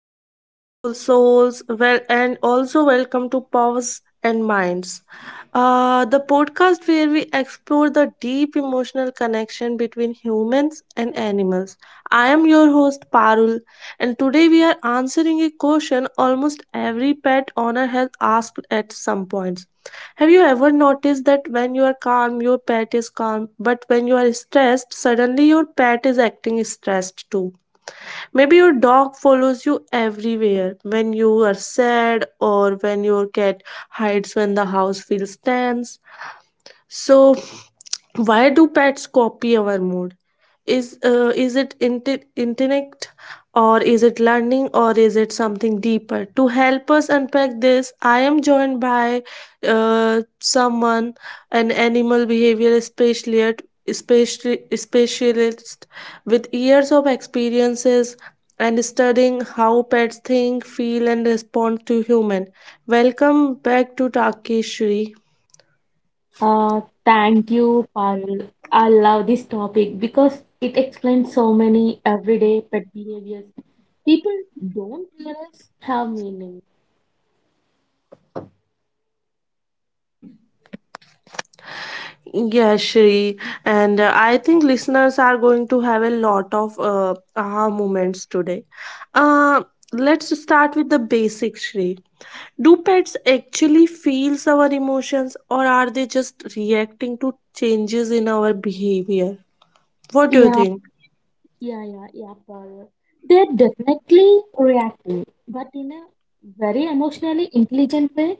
to beautiful souls. Well, and also welcome to Powers and Minds, the podcast where we explore the deep emotional connection between humans and animals. I'm your host Parul, and today we are answering a question almost every pet owner has asked at some points. Have you ever noticed that when you are calm, your pet is calm, but when you are stressed, suddenly your pet is acting stressed too? Maybe your dog follows you everywhere when you are sad or when your cat hides when the house feels tense. So, why do pets copy our mood? Is it intellect or is it learning or is it something deeper? To help us unpack this I am joined by someone, an animal behavior specialist, especially specialist with years of experiences and studying how pets think, feel, and respond to human. Welcome back to Takeshri. Thank you, Parul. I love this topic because it explains so many everyday pet behaviors people don't realize have meaning. Yeah, Shri. And I think listeners are going to have a lot of aha moments today. Uh, let's start with the basics, Shri. Do pets actually feel our emotions or are they just reacting to changes in our behavior? What do you Yeah, think? yeah, yeah, yeah, Parul. They're definitely reacting, but in a very emotionally intelligent way.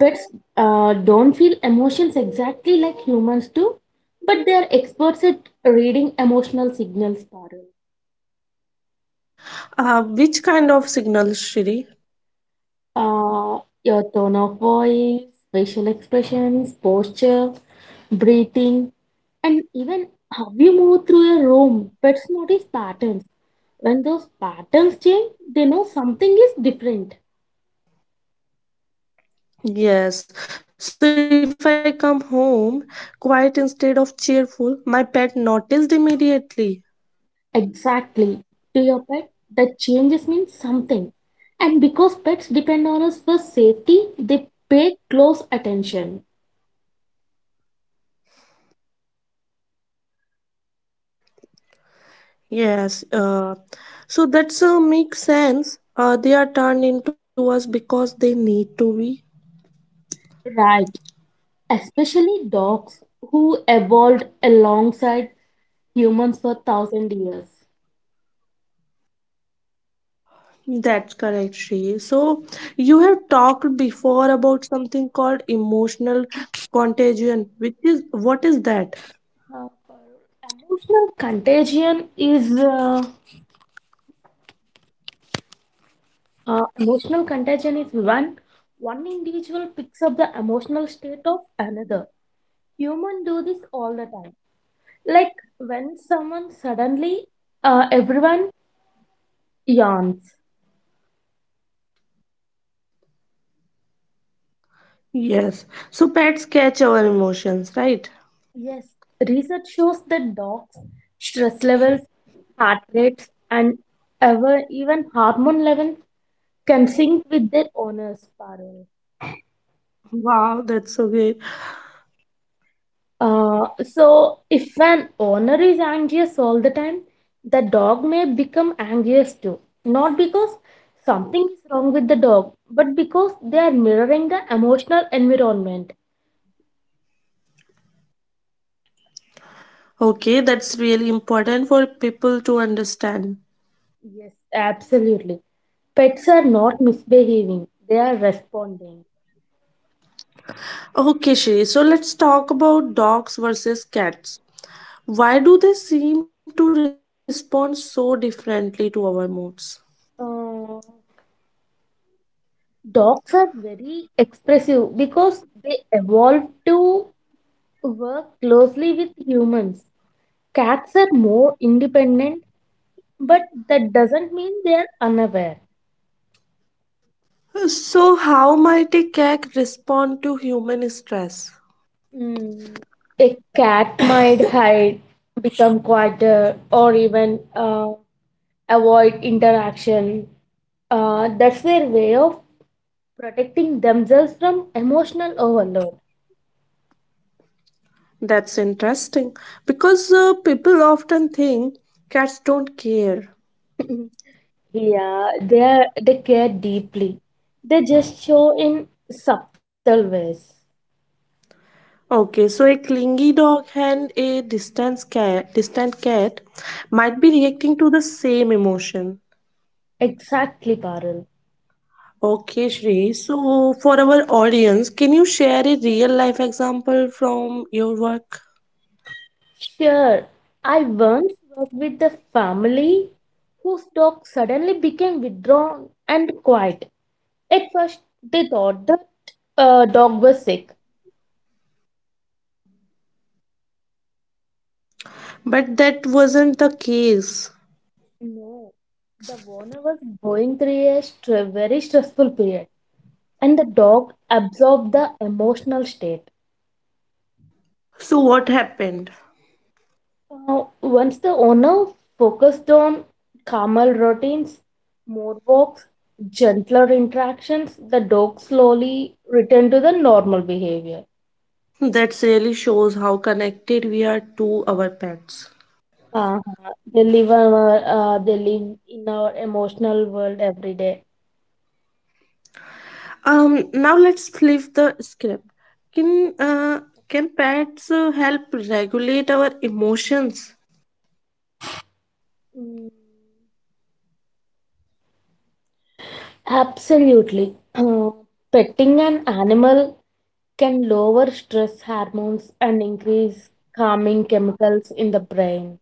Pets don't feel emotions exactly like humans do, but they're experts at reading emotional signals, Parul. Which kind of signals, Shri? Uh, your tone of voice, facial expressions, posture, breathing, and even how you move through a room. Pets notice patterns. When those patterns change, they know something is different. Yes. So if I come home quiet instead of cheerful, my pet noticed immediately. Exactly. To your pet, the changes mean something. And because pets depend on us for safety, they pay close attention. Yes, so that's makes sense. They are turned into us because they need to be. Right. Especially dogs who evolved alongside humans for thousand years. That's correct, Shri. So you have talked before about something called emotional contagion, which is, what is that? Uh, Emotional contagion is when one individual picks up the emotional state of another. Human do this all the time. Like when everyone yawns. Yes. So pets catch our emotions, right? Yes, research shows that dogs' stress levels, heart rates, and ever even hormone levels can sync with their owners. Parul. Wow, that's so great. So, if an owner is anxious all the time, the dog may become anxious too. Not because something is wrong with the dog, but because they are mirroring the emotional environment. Okay, that's really important for people to understand. Yes, absolutely. Pets are not misbehaving, they are responding. Okay, Shri. So let's talk about dogs versus cats. Why do they seem to respond so differently to our moods? Uh, Dogs are very expressive because they evolved to work closely with humans. Cats are more independent, but that doesn't mean they're unaware. So, how might a cat respond to human stress? Mm. A cat might hide, become quieter, or even avoid interaction. That's their way of protecting themselves from emotional overload. That's interesting because people often think cats don't care. Yeah, they care deeply. They just show in subtle ways. Okay, so a clingy dog and a distant cat, distant cat, might be reacting to the same emotion. Exactly, Parul. Okay, Shri. So, for our audience, can you share a real life example from your work? Sure, I once worked with a family whose dog suddenly became withdrawn and quiet. At first, they thought the dog was sick. But that wasn't the case. No, the owner was going through a very stressful period, and the dog absorbed the emotional state. So, what happened? Once the owner focused on calmer routines, more walks, gentler interactions, the dog slowly returned to the normal behavior. That really shows how connected we are to our pets. Uh-huh. They live in our emotional world every day. Now let's flip the script. Can uh, can pets help regulate our emotions? Mm, absolutely. Petting an animal can lower stress hormones and increase calming chemicals in the brain.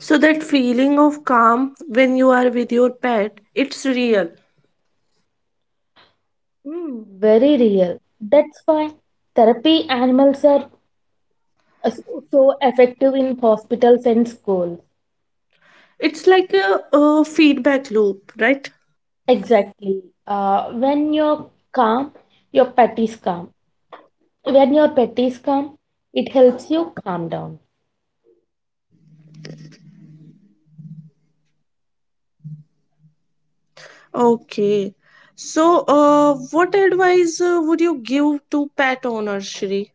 So that feeling of calm when you are with your pet, it's real. Mm, very real. That's why therapy animals are so effective in hospitals and schools. It's like a feedback loop, right? Exactly. When you're calm, your pet is calm. When your pet is calm, it helps you calm down. Okay. So, what advice would you give to pet owners, Shri?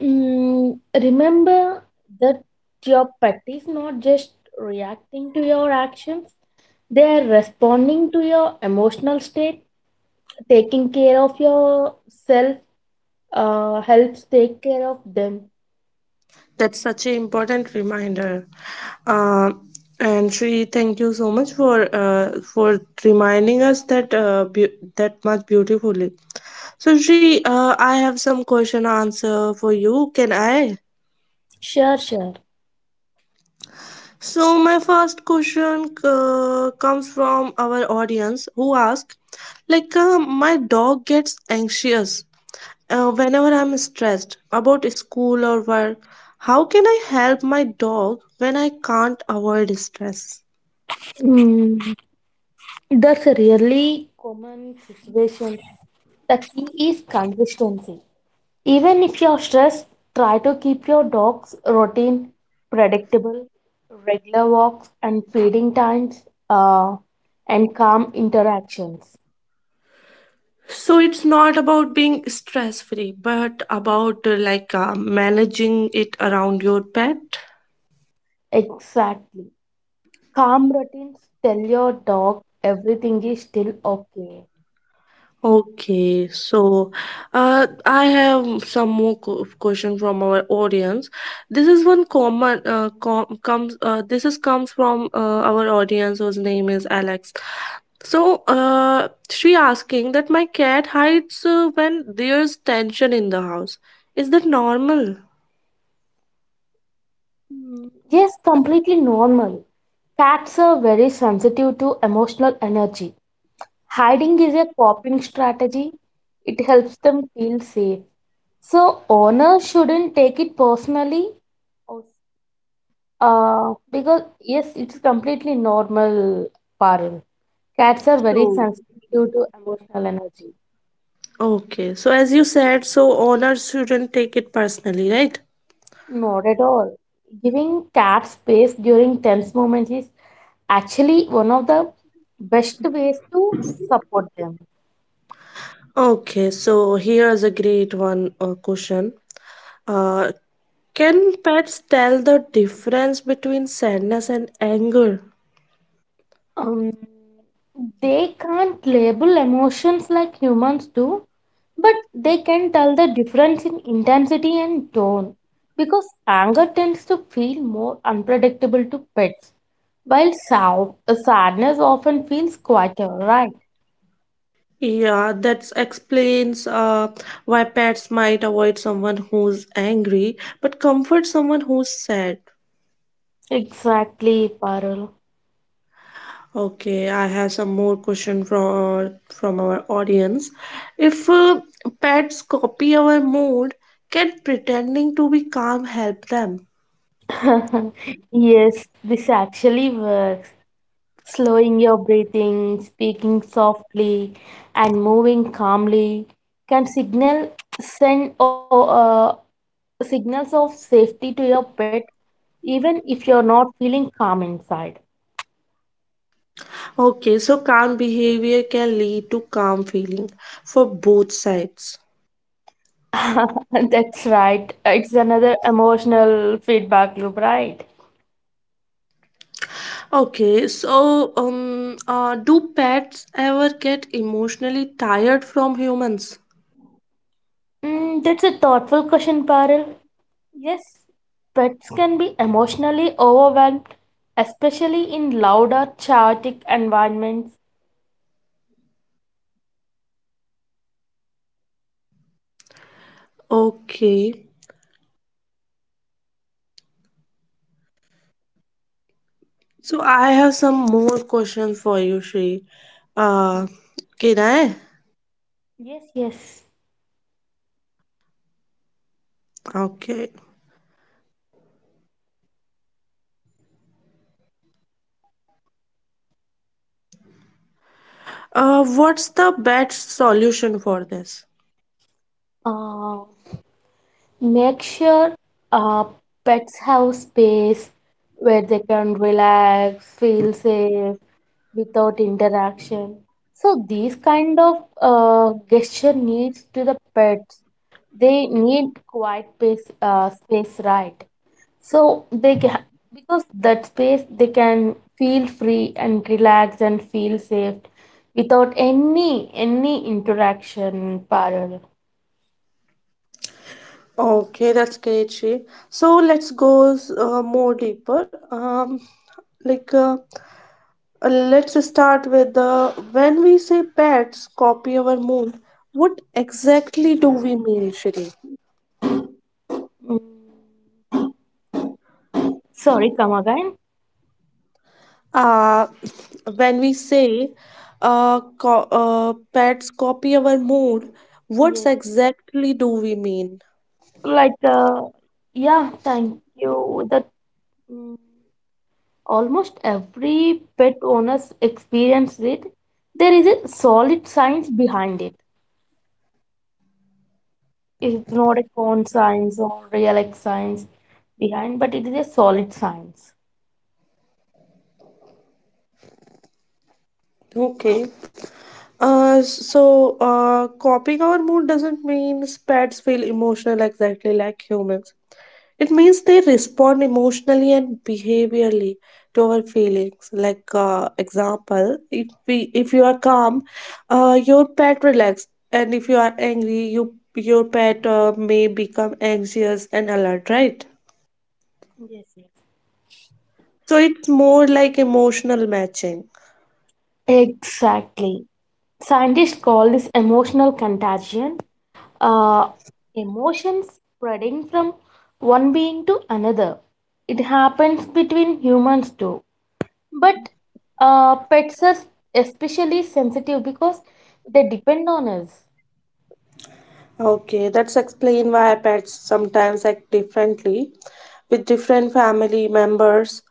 Mm, remember that your pet is not just reacting to your actions, they are responding to your emotional state. Taking care of yourself helps take care of them. That's such an important reminder. Uh, and Shri, thank you so much for reminding us that that much beautifully. So Shri, I have some question answer for you. Can I? Sure, sure. So my first question comes from our audience who ask, like, my dog gets anxious whenever I'm stressed about school or work, how can I help my dog when I can't avoid stress? Mm, that's a really common situation. The key is consistency. Even if you're stressed, try to keep your dog's routine predictable, regular walks and feeding times, uh, and calm interactions. So it's not about being stress free, but about managing it around your pet. Exactly. Calm routines tell your dog everything is still okay. Okay, so I have some more question from our audience. This is one common com- comes this is comes from our audience whose name is Alex. So she asking that my cat hides when there's tension in the house. Is that normal? Mm, yes, completely normal. Cats are very sensitive to emotional energy. Hiding is a coping strategy, it helps them feel safe. So owner shouldn't take it personally, because yes, it's completely normal. Parul, cats are very So sensitive to emotional energy. okay, so as you said, so owners shouldn't take it personally, right? Not at all. Giving cats space during tense moments is actually one of the best ways to support them. Okay, so here's a great one question. Uh, can pets tell the difference between sadness and anger? Um, they can't label emotions like humans do, but they can tell the difference in intensity and tone because anger tends to feel more unpredictable to pets, while sadness often feels quieter, right? Yeah, that explains why pets might avoid someone who's angry but comfort someone who's sad. Exactly, Parul. Okay, I have some more question from our audience. If pets copy our mood, can pretending to be calm help them? Yes, this actually works. Slowing your breathing, speaking softly, and moving calmly can signal send or signals of safety to your pet, even if you're not feeling calm inside. Okay, so calm behavior can lead to calm feeling for both sides. That's right. It's another emotional feedback loop, right? Okay, so do pets ever get emotionally tired from humans? Mm, that's a thoughtful question, Paril. Yes, pets can be emotionally overwhelmed, especially in louder, chaotic environments. Okay, so I have some more questions for you, Shri. Uh, can I? Yes, yes. Okay. What's the best solution for this? Uh, Make sure uh, pets have space where they can relax, feel safe without interaction. So these kind of gesture needs to the pets. They need quiet space, right? So because that space they can feel free and relax and feel safe without any interaction parallel. Okay, that's great, Sri. So let's go more deeper. Like uh, let's start with the, when we say pets copy our mood. What exactly do we mean, Shri? Mm. Sorry, come again. Uh, when we say pets copy our mood, what Yes. exactly do we mean? Like, uh, yeah, thank you. Mm, Almost every pet owners experience it. There is a solid science behind it. It's not a con science or real X science behind, but it is a solid science. Okay. So, copying our mood doesn't mean pets feel emotional exactly like humans. It means they respond emotionally and behaviorally to our feelings. Like, example, if you are calm, your pet relax, and if you are angry, your pet may become anxious and alert. Right. Yes, yes. So it's more like emotional matching. Exactly. Scientists call this emotional contagion. uh, Emotions spreading from one being to another. It happens between humans too. But pets are especially sensitive because they depend on us. Okay, that's explain why pets sometimes act differently with different family members.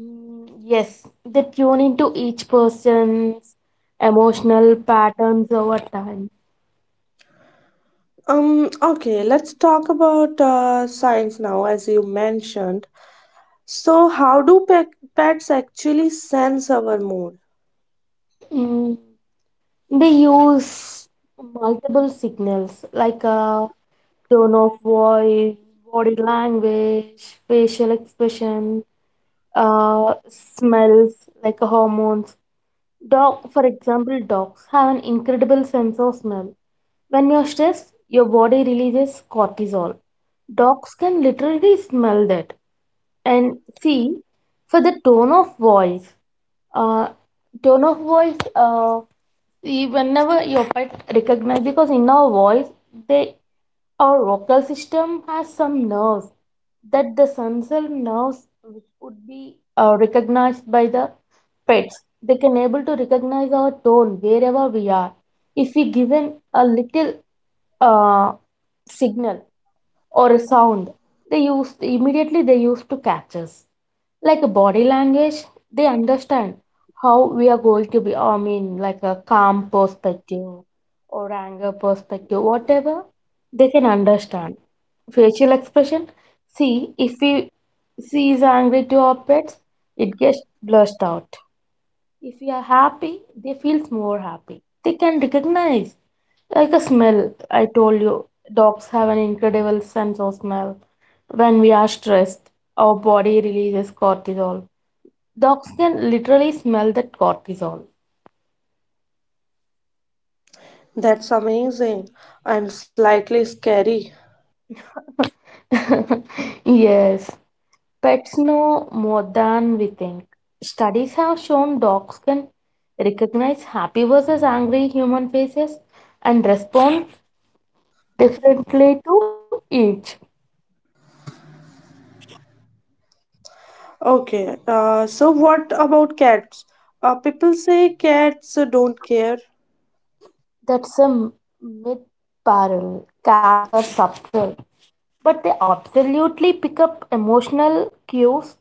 Mm, yes, they tune into each person's emotional patterns over time. Okay, let's talk about science now, as you mentioned. So, how do pe pets actually sense our mood? Mm, they use multiple signals like a tone of voice, body language, facial expression, smells like hormones. Dog, for example, dogs have an incredible sense of smell. When you're stressed, your body releases cortisol. Dogs can literally smell that. And see, for the uh, tone of voice, see, whenever your pet recognizes, because in our voice, they our vocal system has some nerves, that the sensor nerves which would be recognized by the pets. They can able to recognize our tone wherever we are. If we given a little uh, signal or a sound, they used immediately, they used to catch us. Like a body language, they understand how we are going to be. I mean, like a calm perspective or anger perspective, whatever, they can understand. Facial expression, see, if we she is angry to our pets, it gets blushed out. If we are happy, they feels more happy, they can recognize. Like a smell, I told you, dogs have an incredible sense of smell. When we are stressed, our body releases cortisol. Dogs can literally smell that cortisol. That's amazing and slightly scary. Yes, pets know more than we think. Studies have shown dogs can recognize happy versus angry human faces and respond differently to each. Okay, so what about cats? People say cats don't care. That's a myth, Parul. Cats are subtle, but they absolutely pick up emotional cues.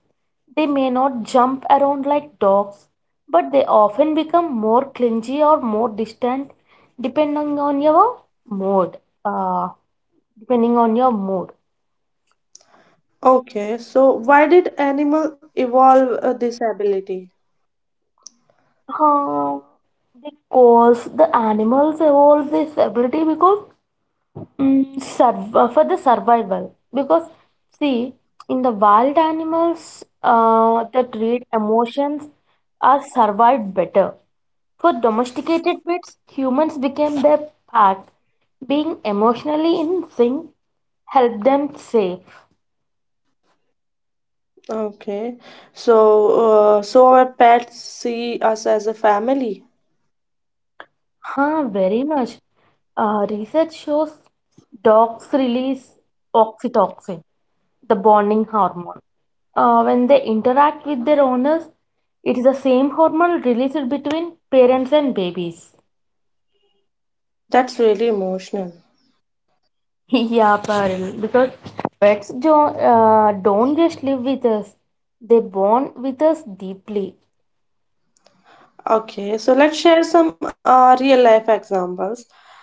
They may not jump around like dogs, but they often become more clingy or more distant, depending on your mood. Uh, mood. Okay, so why did animal evolve this ability? Uh, because the animals evolve this ability because, mm, for the survival, because see, in the wild, animals that read emotions are survived better. For domesticated pets, humans became their pack. Being emotionally in sync help them safe. Okay. So, so our pets see us as a family. Huh, very much. Research shows dogs release oxytocin, the bonding hormone. When they interact with their owners, it is the same hormone released between parents and babies. That's really emotional. Yeah, Parul, because pets don't just live with us, they bond with us deeply. Okay, so let's share some real life examples.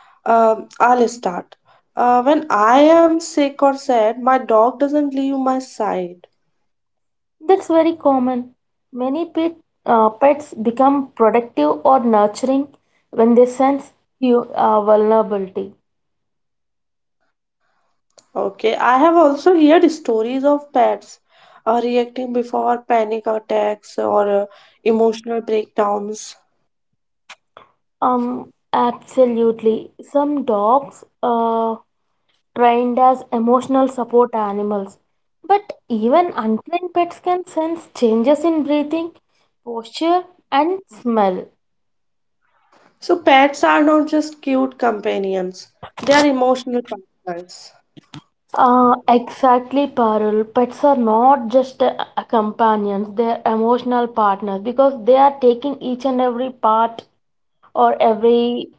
I'll start. When I am sick or sad, my dog doesn't leave my side. That's very common. Many pets become protective or nurturing when they sense you, vulnerability. Okay, I have also heard stories of pets reacting before panic attacks or emotional breakdowns. Absolutely. Some dogs trained as emotional support animals. But even untrained pets can sense changes in breathing, posture, and smell. So pets are not just cute companions, they are emotional partners. Exactly, Parul. Pets are not just companions, they are emotional partners because they are taking each and every part or every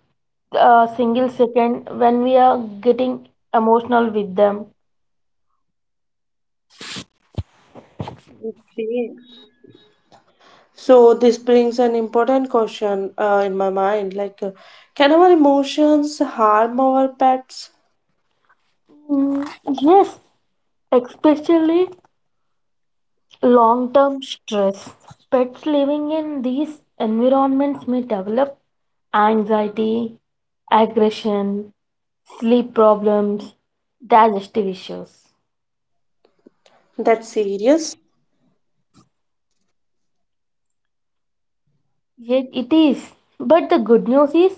single second when we are getting emotional with them. Okay. So this brings an important question in my mind, like, can our emotions harm our pets? Mm, yes, especially long term stress. Pets living in these environments may develop anxiety, aggression, sleep problems, digestive issues. That's serious. Yet it is. But the good news is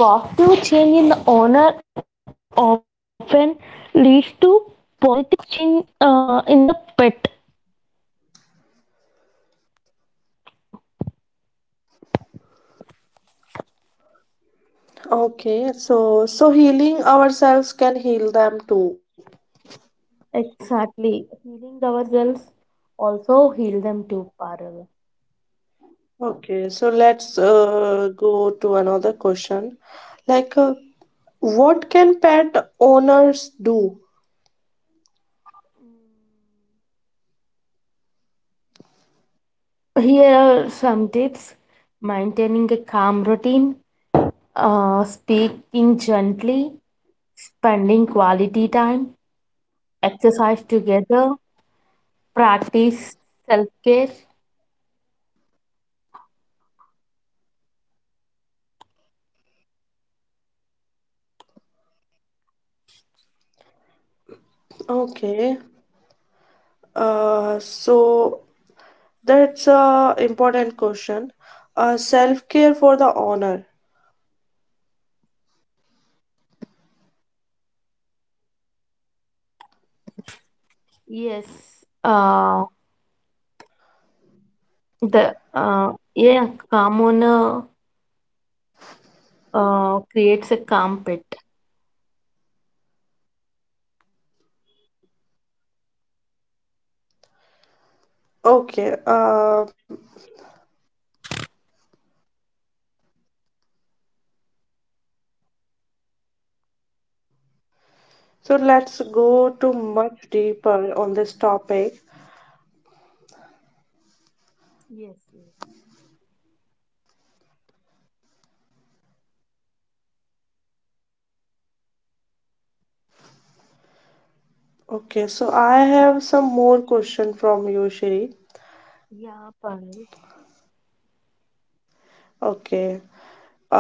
positive change in the owner often leads to positive change in the pet. Okay, so so healing ourselves can heal them too. Exactly. Healing ourselves also heal them too, Parul. Okay, so let's go to another question. Like what can pet owners do? Here are some tips: maintaining a calm routine, speaking gently, spending quality time, exercise together, practice self care. Okay. So that's a important question. Self-care for the honor. Yes, calm owner creates a calm pet. Okay, so let's go to much deeper on this topic. Yes, yes. Okay, so I have some more question from you, Shri. Yeah, Parul. Okay, uh,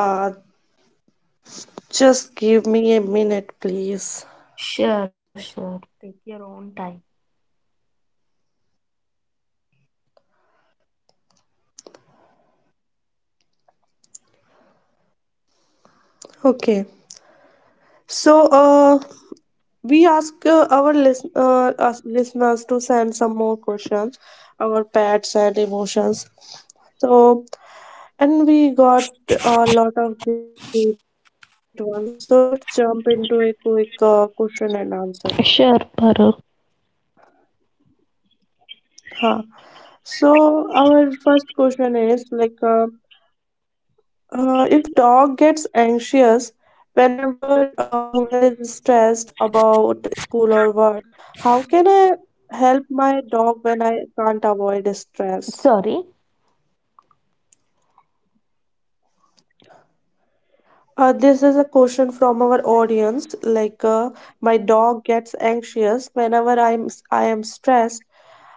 just give me a minute, please. Sure, sure. Take your own time. Okay. So, we ask our listeners to send some more questions, our pets and emotions. So, and we got a lot of great ones. So let's jump into a quick question and answer. Sure, Parul. Huh. So our first question is like. If dog gets anxious whenever owner is stressed about school or work, how can I help my dog when I can't avoid stress? Sorry. This is a question from our audience. Like, my dog gets anxious whenever I am stressed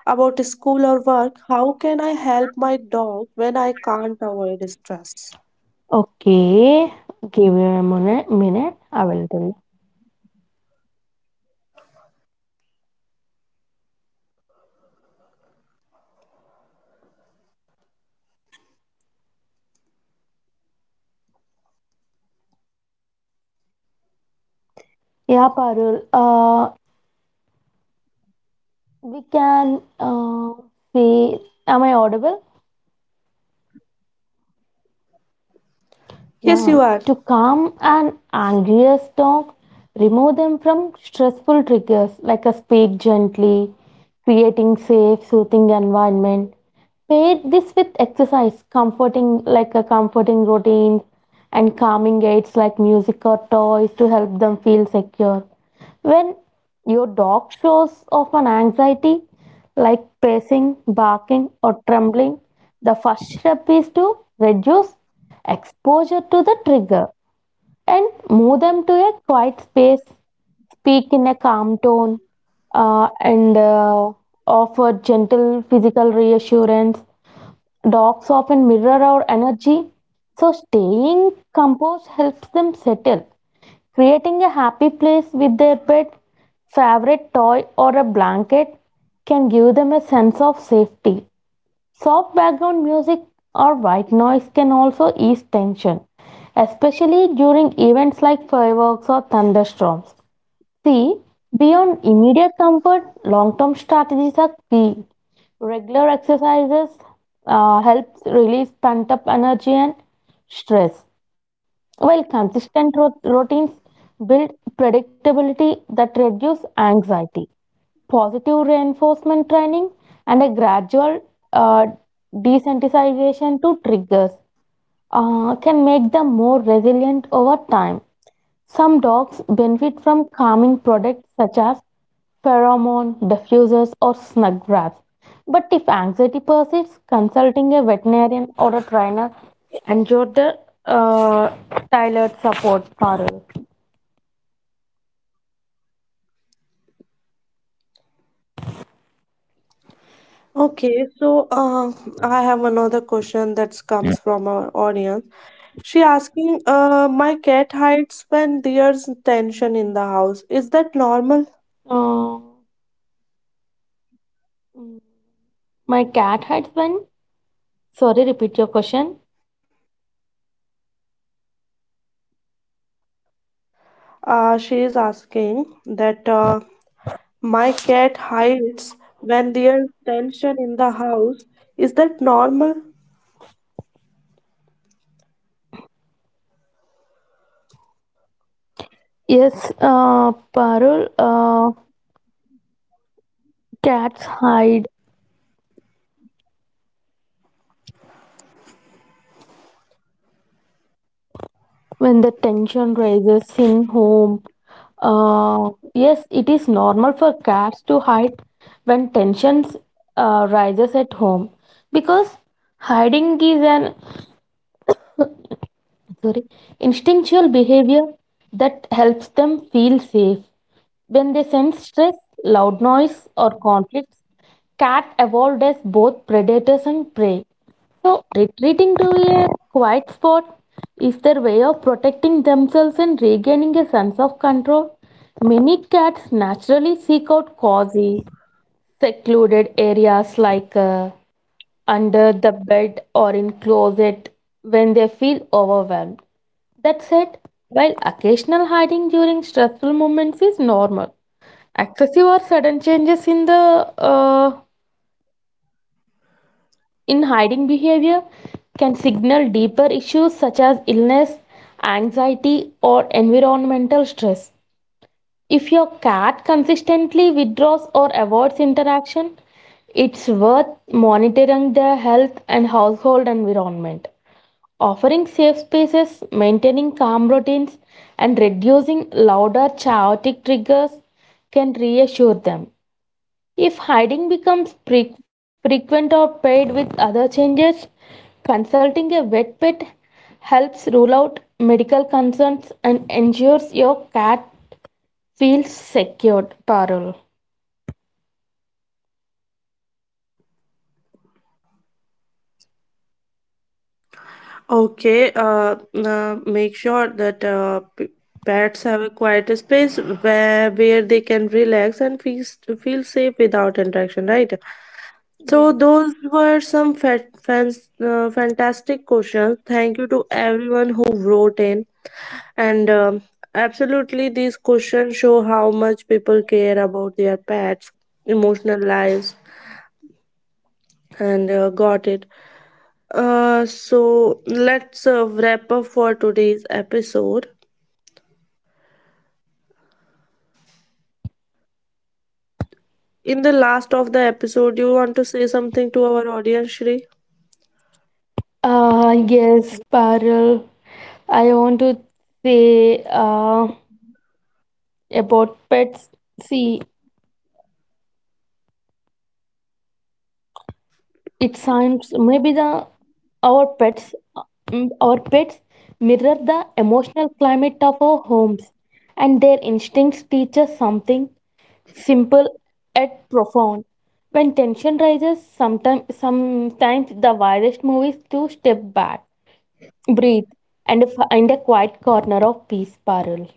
about school or work. How can I help my dog when I can't avoid stress? Okay, give me a minute, I will tell you. Yeah, Parul, we can uh, say, am I audible? Yes, you Yeah, are. to calm an angry storm, remove them from stressful triggers, like a speak gently, creating safe, soothing environment. Pair this with exercise, comforting like a comforting routine and calming aids like music or toys to help them feel secure. When your dog shows off an anxiety like pacing, barking, or trembling, the first step is to reduce exposure to the trigger and move them to a quiet space, speak in a calm tone, and offer gentle physical reassurance. Dogs often mirror our energy, so staying composed helps them settle. Creating a happy place with their pet, favorite toy, or a blanket can give them a sense of safety. Soft background music or white noise can also ease tension, especially during events like fireworks or thunderstorms. C. Beyond immediate comfort, long term strategies are key. Regular exercises helps release pent up energy and stress, while consistent routines build predictability that reduce anxiety. Positive reinforcement training and a gradual uh, desensitization to triggers can make them more resilient over time. Some dogs benefit from calming products such as pheromone diffusers or snug wraps. But if anxiety persists, consulting a veterinarian or a trainer ensure the uh, tailored support for her. Okay, so I have another question that comes from our audience. She asking, my cat hides when there's tension in the house. Is that normal? Uh, my cat hides when. Sorry, repeat your question. She is asking that my cat hides when there's tension in the house. Is that normal? Yes, Parul, cats hide when the tension rises in home. Yes, it is normal for cats to hide when tensions rises at home because hiding is an sorry instinctual behavior that helps them feel safe. When they sense stress, loud noise, or conflicts, cat evolved as both predators and prey. So, retreating to a quiet spot is their way of protecting themselves and regaining a sense of control. Many cats naturally seek out cozy, secluded areas like under the bed or in closet when they feel overwhelmed. That said, while occasional hiding during stressful moments is normal, excessive or sudden changes in the uh, in hiding behavior can signal deeper issues such as illness, anxiety, or environmental stress. If your cat consistently withdraws or avoids interaction, it's worth monitoring their health and household environment. Offering safe spaces, maintaining calm routines, and reducing louder chaotic triggers can reassure them. If hiding becomes frequent or paired with other changes, consulting a vet pet helps rule out medical concerns and ensures your cat feel secured, Parul. Okay, make sure that pets have a quiet space where they can relax and feel safe without interaction, right? So Yes. those were some fantastic questions. Thank you to everyone who wrote in, and absolutely, these questions show how much people care about their pets' emotional lives, and got it. So let's wrap up for today's episode. In the last of the episode, you want to say something to our audience, Shri? Yes, Parul. I want to say about pets. See, it sounds maybe the our pets our pets mirror the emotional climate of our homes, and their instincts teach us something simple yet profound. When tension rises, sometimes the wisest move is to step back, breathe, and find a quiet corner of peace spiral.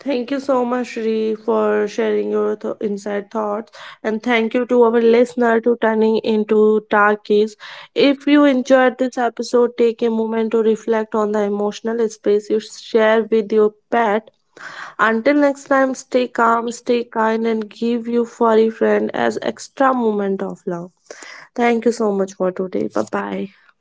Thank you so much, Shri, for sharing your inside thoughts, and thank you to our listener to turning into Tarkis. If you enjoyed this episode, take a moment to reflect on the emotional space you share with your pet. Until next time, stay calm, stay kind, and give your furry friend as extra moment of love. Thank you so much for today. Bye bye.